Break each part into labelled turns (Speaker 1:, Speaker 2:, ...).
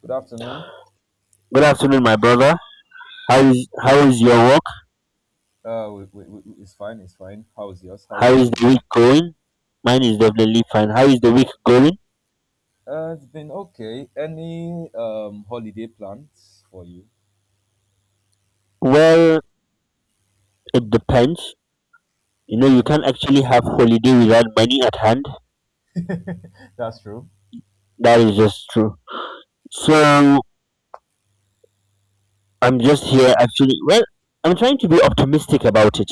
Speaker 1: Good afternoon.
Speaker 2: Good afternoon, my brother. How is your work?
Speaker 1: We, it's fine, it's fine. How's yours? How's
Speaker 2: How
Speaker 1: your
Speaker 2: is
Speaker 1: day
Speaker 2: the week
Speaker 1: going?
Speaker 2: going? Mine is definitely fine. How is the week going?
Speaker 1: It's been okay. Any holiday plans for you?
Speaker 2: Well, it depends. You know, you
Speaker 1: Okay,
Speaker 2: can't actually have holiday without money at hand.
Speaker 1: that's true.
Speaker 2: That is just true. So I'm just here actually. Well, I'm trying to be optimistic about it,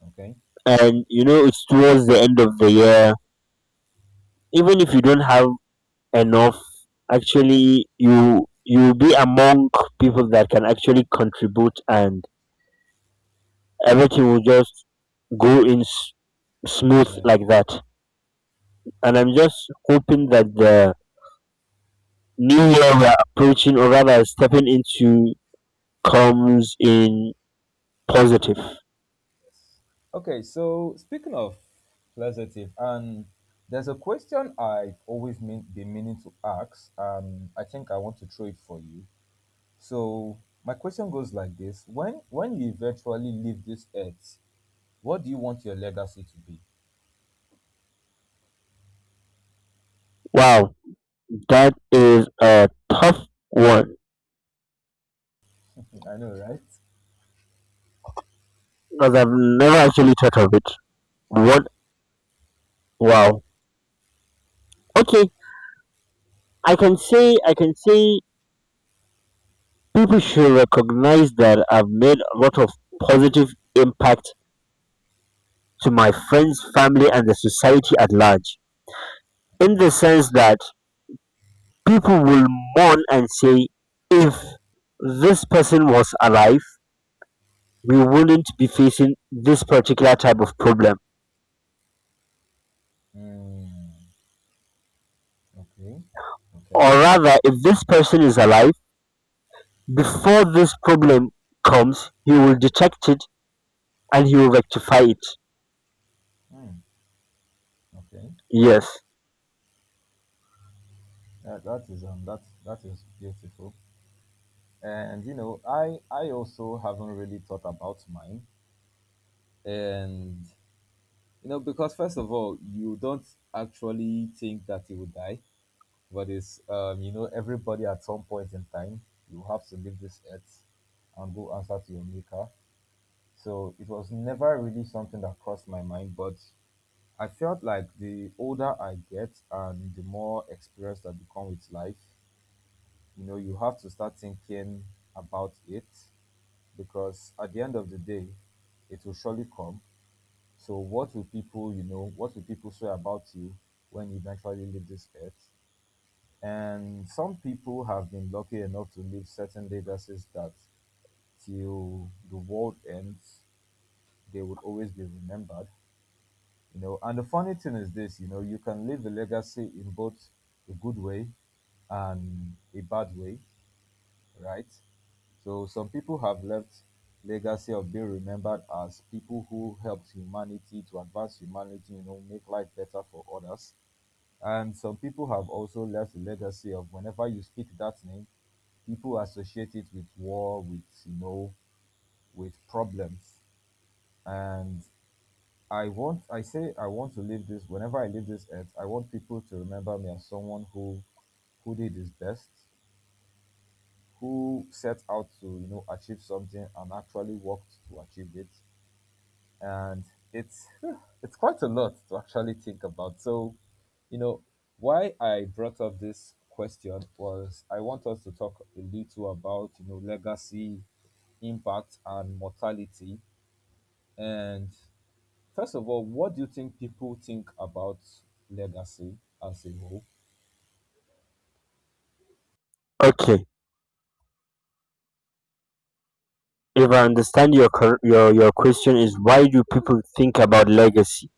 Speaker 1: Okay.
Speaker 2: and you know, it's towards the end of the year. Even if you don't have enough, actually, you'll be among people that can actually contribute and everything will just go in smooth
Speaker 1: Yes.
Speaker 2: like that. And I'm just hoping that the new year we're approaching, or rather stepping into, comes in positive.
Speaker 1: Okay, so speaking of pleasative, and there's a question been meaning to ask, and I think I want to throw it for you. So my question goes like this: When you eventually leave this earth, what do you want your legacy to be?
Speaker 2: Wow, that is a tough one
Speaker 1: I know, right?
Speaker 2: because I've never actually thought of it. What? Wow. Okay, I can say people should recognize that I've made a lot of positive impact to my friends, family, and the society at large, in the sense that people will mourn and say, if this person was alive, we wouldn't be facing this particular type of problem.
Speaker 1: Mm, okay,
Speaker 2: Or
Speaker 1: okay,
Speaker 2: rather, if this person is alive, before this problem comes, he will detect it and he will rectify it.
Speaker 1: mm, okay.
Speaker 2: Yes.
Speaker 1: That is that is beautiful. And you know, I also haven't really thought about mine. And you know, because first of all, you don't actually think that you will die, but it's you know, everybody at some point in time, you have to leave this earth and go answer to your maker. So it was never really something that crossed my mind, but I felt like the older I get and the more experienced I become with life, you know, you have to start thinking about it because at the end of the day, it will surely come. So, what will people, you know, what will people say about you when you eventually leave this earth? And some people have been lucky enough to leave certain legacies that till the world ends, they will always be remembered. You know, and the funny thing is this, you know, you can leave a legacy in both a good way and a bad way, right? So some people have left legacy of being remembered as people who helped humanity to advance humanity, you know, make life better for others. And some people have also left a legacy of whenever you speak that name, people associate it with war, with you know, with problems. And I want to leave this. Whenever I leave this earth, I want people to remember me as who did his best, who set out to, you know, achieve something and actually worked to achieve it. And it's, it's quite a lot to actually think about. So, you know, why I brought up this question was I want us to talk a little about, you know, legacy, impact, and mortality, and first of all, what do you think people think about legacy as a whole?
Speaker 2: Okay. If I understand your your question is, why do people think about legacy?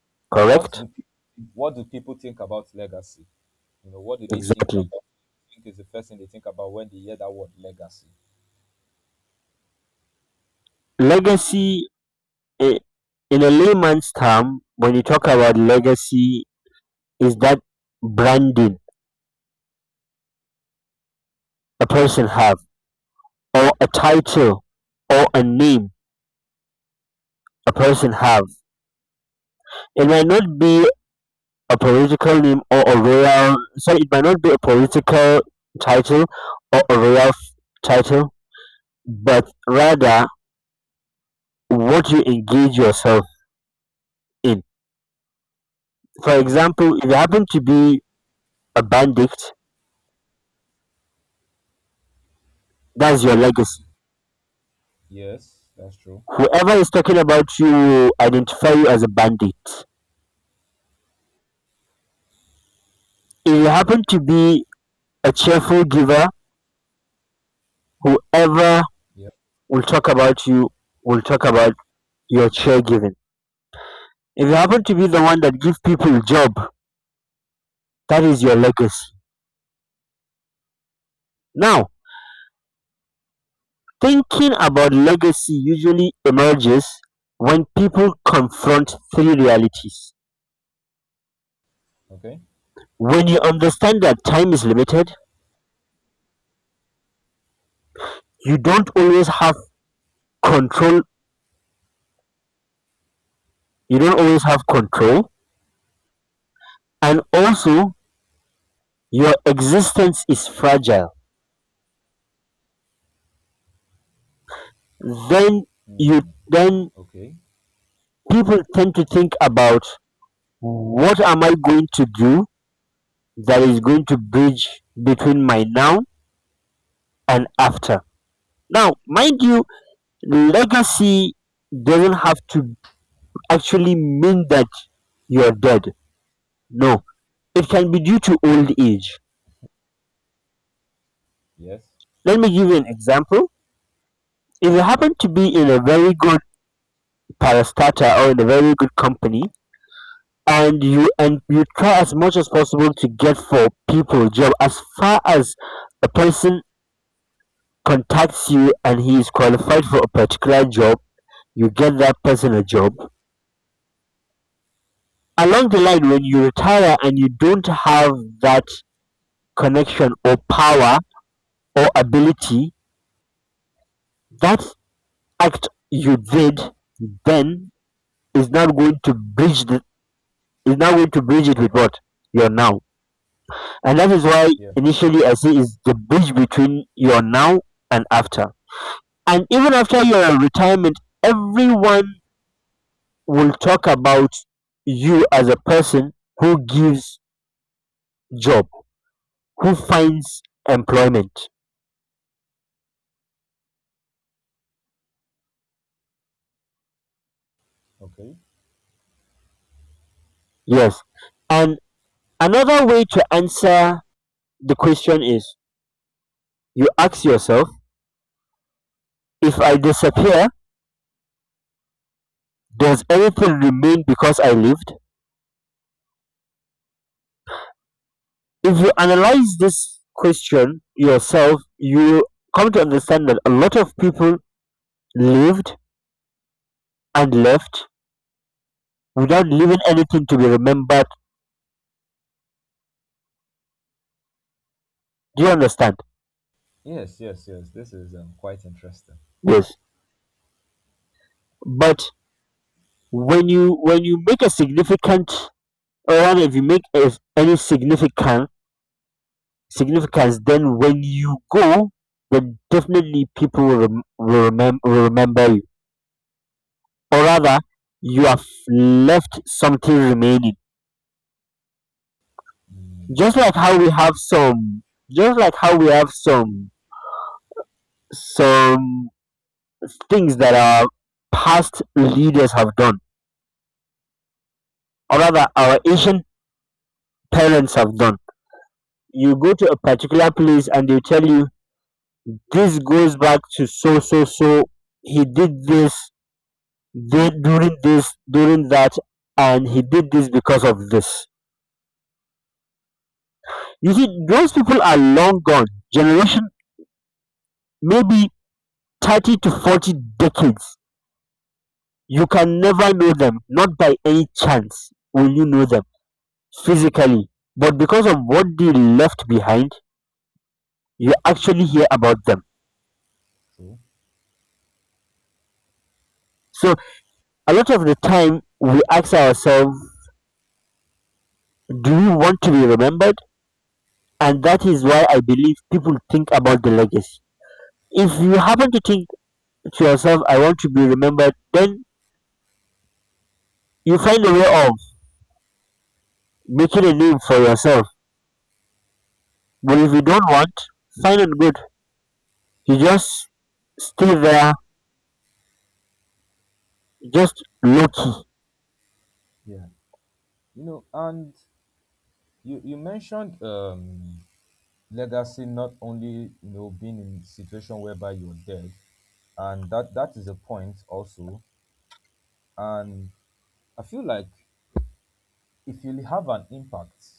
Speaker 1: What do
Speaker 2: Correct?
Speaker 1: people what do people think about legacy? You know, what do they think
Speaker 2: Exactly.
Speaker 1: about? I think is the first thing they think about when they hear that word legacy.
Speaker 2: Legacy. In in a layman's term, when you talk about legacy, is that branding a person have, or a title or a name a person have. It might not be a political name or a royal, sorry, it might not be a political title or a royal title, but rather what you engage yourself in. For
Speaker 1: Okay.
Speaker 2: example, if you happen to be a bandit, that's your
Speaker 1: Okay.
Speaker 2: legacy.
Speaker 1: Yes, that's true.
Speaker 2: Whoever is talking about you will identify you as a bandit. If you happen to be a cheerful giver, whoever
Speaker 1: Yeah.
Speaker 2: will talk about you will talk about your cheer giving. If you happen to be the one that gives people a job, that is your legacy. Now, thinking about legacy usually emerges when people confront three realities.
Speaker 1: Okay.
Speaker 2: When you understand that time is limited, you don't always have control, you don't always have control, and also your existence is fragile, then you,
Speaker 1: Hmm.
Speaker 2: then
Speaker 1: Okay.
Speaker 2: people tend to think about, what am I going to do that is going to bridge between my now and after? Now, mind you, legacy doesn't have to actually mean that you're dead. No, it can be due to old age.
Speaker 1: Yes.
Speaker 2: Let me give you an example. If you happen to be in a very good parastater or in a very good company, and you try as much as possible to get for people job, as far as a person contacts you and he is qualified for a particular job, you get that person a job. Along the line, when you retire and you don't have that connection or power or ability, that act you did then is not going to bridge it with what you're now. And that is why
Speaker 1: Yeah.
Speaker 2: initially I say is the bridge between your now and after. And even after your retirement, everyone will talk about you as a person who gives job, who finds employment.
Speaker 1: Okay.
Speaker 2: Yes. And another way to answer the question is, you ask yourself, if I disappear, does anything remain because I lived? If you analyze this question yourself, you come to understand that a lot of people lived and left without leaving anything to be remembered. Do you understand?
Speaker 1: Yes. Yes. Yes. This is quite interesting.
Speaker 2: Yes. But when you make a significant, or rather, if you make a, any significant significance, then when you go, then definitely people will, remember you. Or rather, you have left something remaining.
Speaker 1: Mm,
Speaker 2: Just like
Speaker 1: yes.
Speaker 2: how we have some just like how we have some things that our past leaders have done, or rather our ancient parents have done, you go to a particular place and they tell you, this goes back to so so so, he did this, did during this, during that, and he did this because of this. You see, those people are long gone, generation maybe 30 to 40 decades. You can never know them, not by any chance will you know them physically, but because of what they left behind, you actually hear about them.
Speaker 1: True.
Speaker 2: So, a lot of the time, we ask ourselves, do we want to be remembered? And that is why I believe people think about the legacy. If you happen to think to yourself, I want to be remembered, then you find a way of making a name for yourself. But if you don't want, fine and good. You just stay there, just low key.
Speaker 1: Yeah. You know, and you mentioned legacy not only, you know, being in situation whereby you're dead, and that is a point also. And I feel like if you have an impact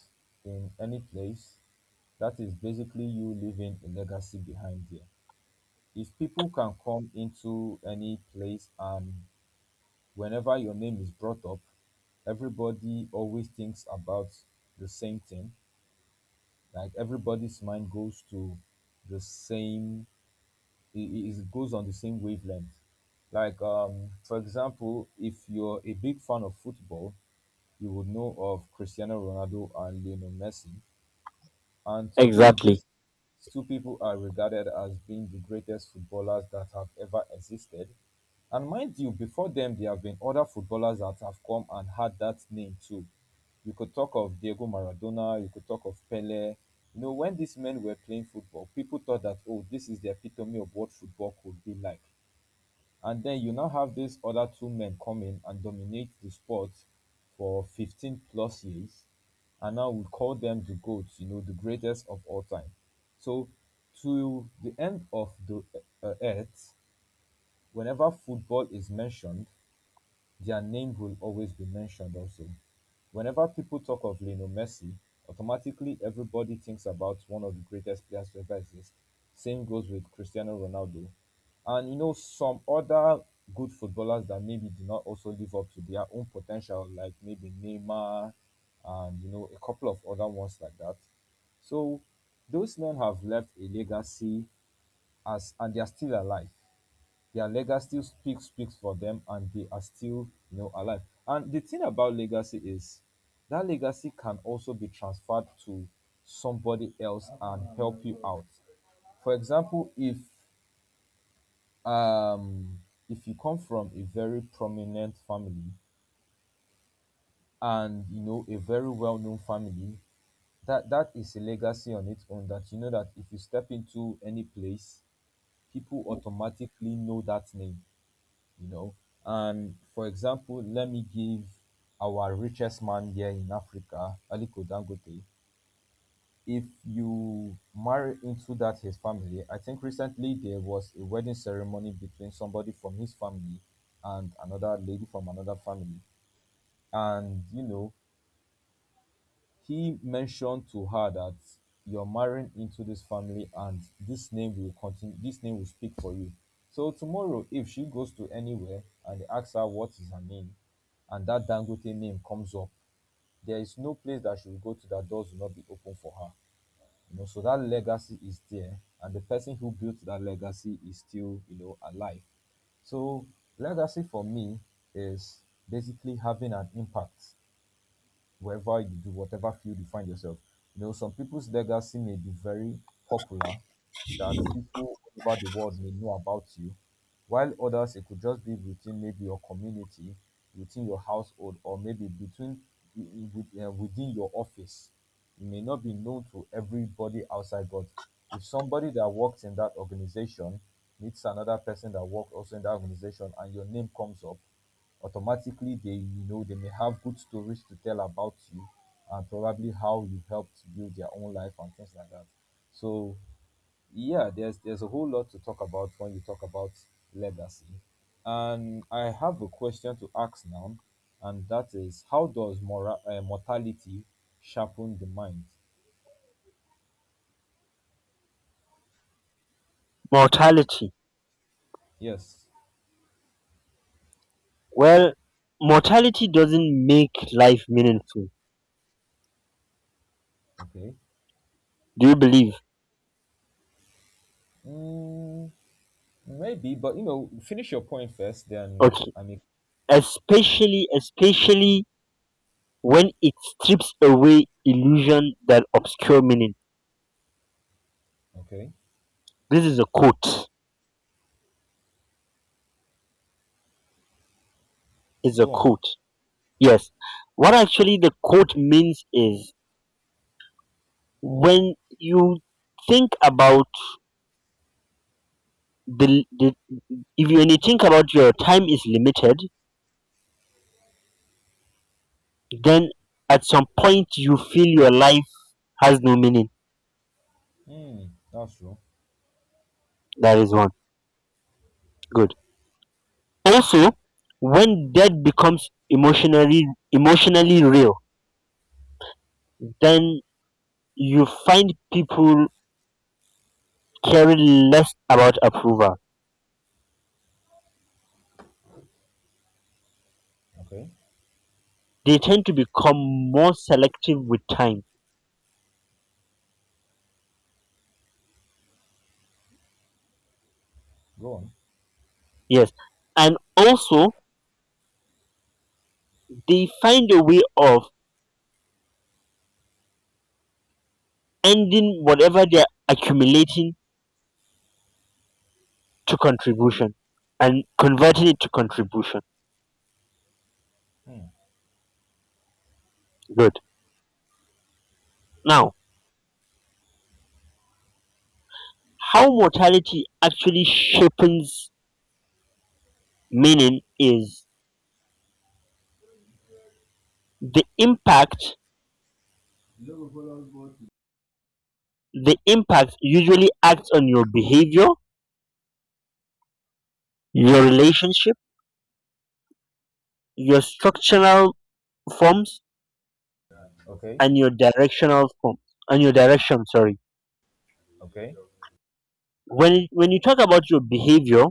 Speaker 1: in any place, that is basically you leaving a legacy behind there. If people can come into any place and whenever your name is brought up, everybody always thinks about the same thing. Like, everybody's mind goes to the same, it goes on the same wavelength. Like, for example, if you're a big fan of football, you would know of Cristiano Ronaldo and Lionel Messi. And today,
Speaker 2: Exactly.
Speaker 1: these two people are regarded as being the greatest footballers that have ever existed. And mind you, before them, there have been other footballers that have come and had that name too. You could talk of Diego Maradona, you could talk of Pele. You know, when these men were playing football, people thought that, oh, this is the epitome of what football could be like. And then you now have these other two men come in and dominate the sport for 15 plus years. And now we call them the GOATs, you know, the greatest of all time. So, to the end of the earth, whenever football is mentioned, their name will always be mentioned also. Whenever people talk of Lionel Messi, automatically everybody thinks about one of the greatest players to ever exist. Same goes with Cristiano Ronaldo. And you know, some other good footballers that maybe did not also live up to their own potential, like maybe Neymar, and you know, a couple of other ones like that. So those men have left a legacy, as and they are still alive. Their legacy speaks for them, and they are still, you know, alive. And the thing about legacy is that legacy can also be transferred to somebody else and help you out. For example, um if you come from a very prominent family, and you know, a very well-known family, that is a legacy on its own. That you know that if you step into any place, people automatically know that name, you know. And for example, let me give our richest man here in Africa, Aliko Dangote. If you marry into that his family, I think recently there was a wedding ceremony between somebody from his family and another lady from another family. And you know, he mentioned to her that you're marrying into this family, and this name will continue, this name will speak for you. So tomorrow if she goes to anywhere and they ask her what is her name, and that Dangote name comes up, there is no place that she will go to that doors will not be open for her. You know, so that legacy is there, and the person who built that legacy is still, you know, alive. So legacy for me is basically having an impact wherever you do, whatever field you find yourself. You know, some people's legacy may be very popular, that people all over the world may know about you, while others it could just be within maybe your community, within your household, or maybe within your office. You may not be known to everybody outside, but if somebody that works in that organization meets another person that works also in that organization and your name comes up, automatically, they, you know, they may have good stories to tell about you, and probably how you helped build their own life and things like that. So yeah, there's a whole lot to talk about when you talk about legacy. And I have a question to ask now, and that is, how does mortality sharpen the mind?
Speaker 2: Mortality.
Speaker 1: Yes.
Speaker 2: Well, mortality doesn't make life meaningful.
Speaker 1: Okay.
Speaker 2: Do you believe?
Speaker 1: Mm, maybe, but you know, finish your point first, then
Speaker 2: Okay.
Speaker 1: I mean.
Speaker 2: Especially when it strips away illusion that obscure meaning.
Speaker 1: Okay.
Speaker 2: This is a quote. Is a
Speaker 1: Go on.
Speaker 2: quote. Yes. What actually the quote means is, when you think about the if you, when you think about your time is limited, then at some point you feel your life has no meaning.
Speaker 1: Mm, that's true.
Speaker 2: That is one. Good. Also, when death becomes emotionally real, then you find people caring less about approval;
Speaker 1: Okay.
Speaker 2: they tend to become more selective with time.
Speaker 1: Go on.
Speaker 2: Yes, and also they find a way of ending whatever they're accumulating to contribution and converting it to contribution.
Speaker 1: Hmm.
Speaker 2: Good. Now, how mortality actually shapes meaning is the impact. The impact usually acts on your behavior, your relationship, your structural forms,
Speaker 1: Okay.
Speaker 2: and your directional form, and your direction. Sorry.
Speaker 1: Okay.
Speaker 2: When you talk about your behavior,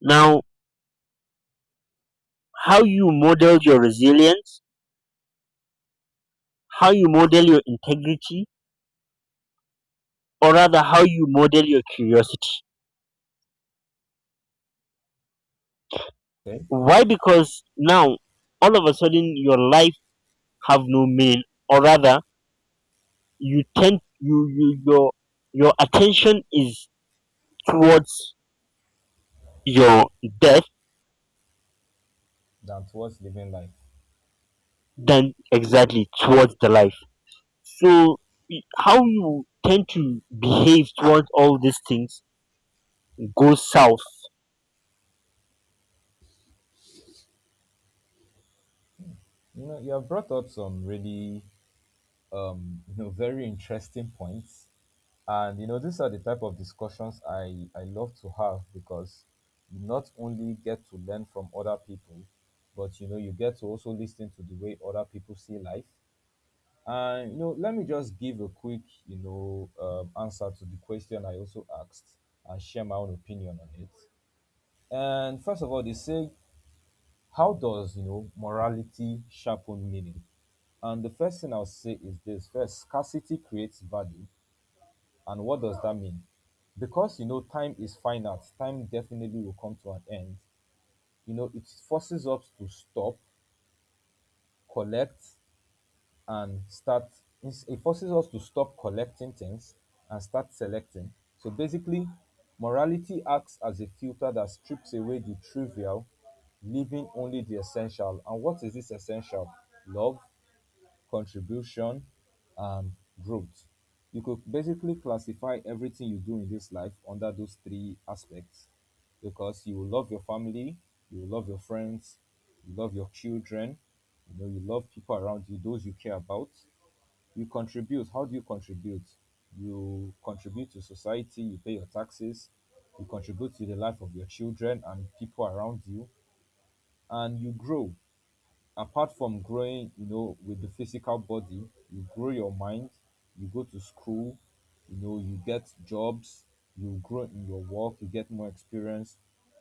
Speaker 2: now, how you model your resilience, how you model your integrity, or rather how you model your curiosity.
Speaker 1: Okay.
Speaker 2: Why? Because now all of a sudden your life have no meaning, or rather you tend, your attention is towards your death,
Speaker 1: Than towards living life.
Speaker 2: than exactly towards the life. So how you tend to behave towards all these things goes south.
Speaker 1: You know, you have brought up some really, you know, very interesting points, and you know, these are the type of discussions I love to have because you not only get to learn from other people, but you know, you get to also listen to the way other people see life. And you know, let me just give a quick, you know, answer to the question I also asked and share my own opinion on it. And first of all, they say, how does, you know, morality sharpen meaning? And the first thing I'll say is this: first, scarcity creates value, and what does that mean? Because you know, time is finite, time definitely will come to an end. You know, it forces us to stop, collect, and start, it forces us to stop collecting things and start selecting. So basically, morality acts as a filter that strips away the trivial, leaving only the essential. And what is this essential? Love, contribution, and growth. You could basically classify everything you do in this life under those three aspects, because you will love your family, you will love your friends, you love your children, you know, you love people around you, those you care about. You contribute, how do you contribute? You contribute to society, you pay your taxes, you contribute to the life of your children and people around you. And you grow, apart from growing, you know, with the physical body, you grow your mind, you go to school, you know, you get jobs, you grow in your work, you get more experience.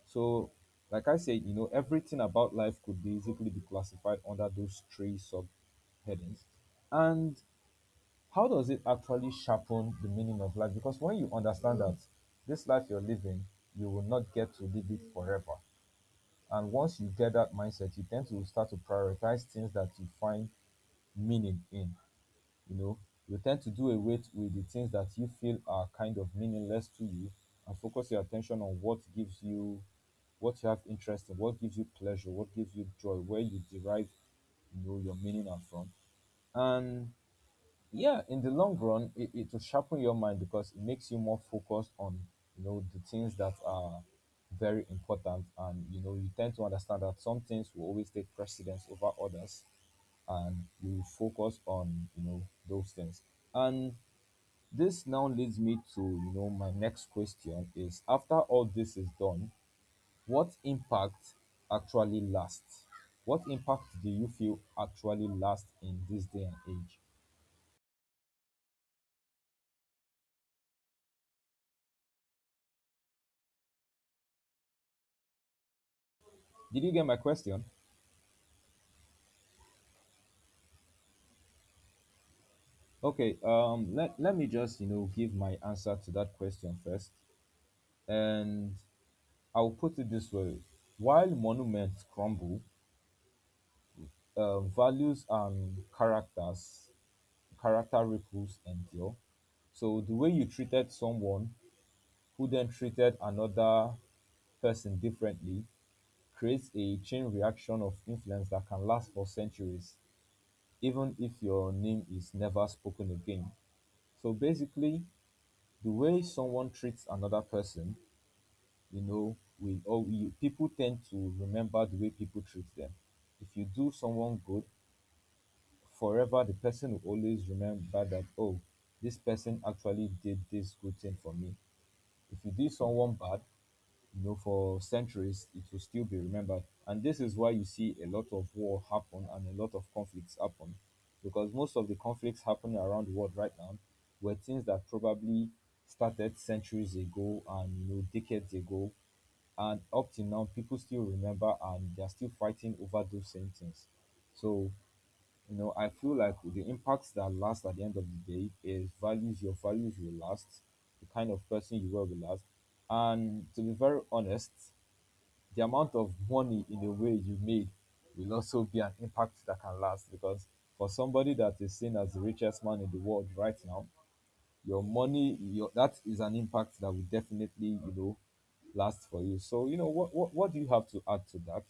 Speaker 1: So like I said, you know, everything about life could basically be classified under those three subheadings. And how does it actually sharpen the meaning of life? Because when you understand that this life you're living, you will not get to live it forever. And once you get that mindset, you tend to start to prioritize things that you find meaning in. You know, you tend to do away with the things that you feel are kind of meaningless to you, and focus your attention on what gives you, what you have interest in, what gives you pleasure, what gives you joy, where you derive, you know, your meaning are from. And yeah, in the long run, it will sharpen your mind because it makes you more focused on, you know, the things that are very important. And you know, you tend to understand that some things will always take precedence over others, and you focus on, you know, those things. And this now leads me to, you know, my next question is, after all this is done, what impact actually lasts? What impact do you feel actually lasts in this day and age? Did you get my question? Okay, let me just, you know, give my answer to that question first. And I'll put it this way. While monuments crumble, um, values and characters, character ripples endure. So the way you treated someone who then treated another person differently creates a chain reaction of influence that can last for centuries, even if your name is never spoken again. So basically, the way someone treats another person, you know, people tend to remember the way people treat them. If you do someone good, forever the person will always remember that, oh, this person actually did this good thing for me. If you do someone bad, you know, for centuries it will still be remembered. And this is why you see a lot of war happen and a lot of conflicts happen, because most of the conflicts happening around the world right now were things that probably started centuries ago, and you know, decades ago, and up till now people still remember, and they're still fighting over those same things. So you know, I feel like the impacts that last at the end of the day is values. Your values will last, the kind of person you were will last. And to be very honest, the amount of money in a way you made will also be an impact that can last. Because for somebody that is seen as the richest man in the world right now, your money, your, that is an impact that will definitely, you know, last for you. So you know, what do you have to add to that?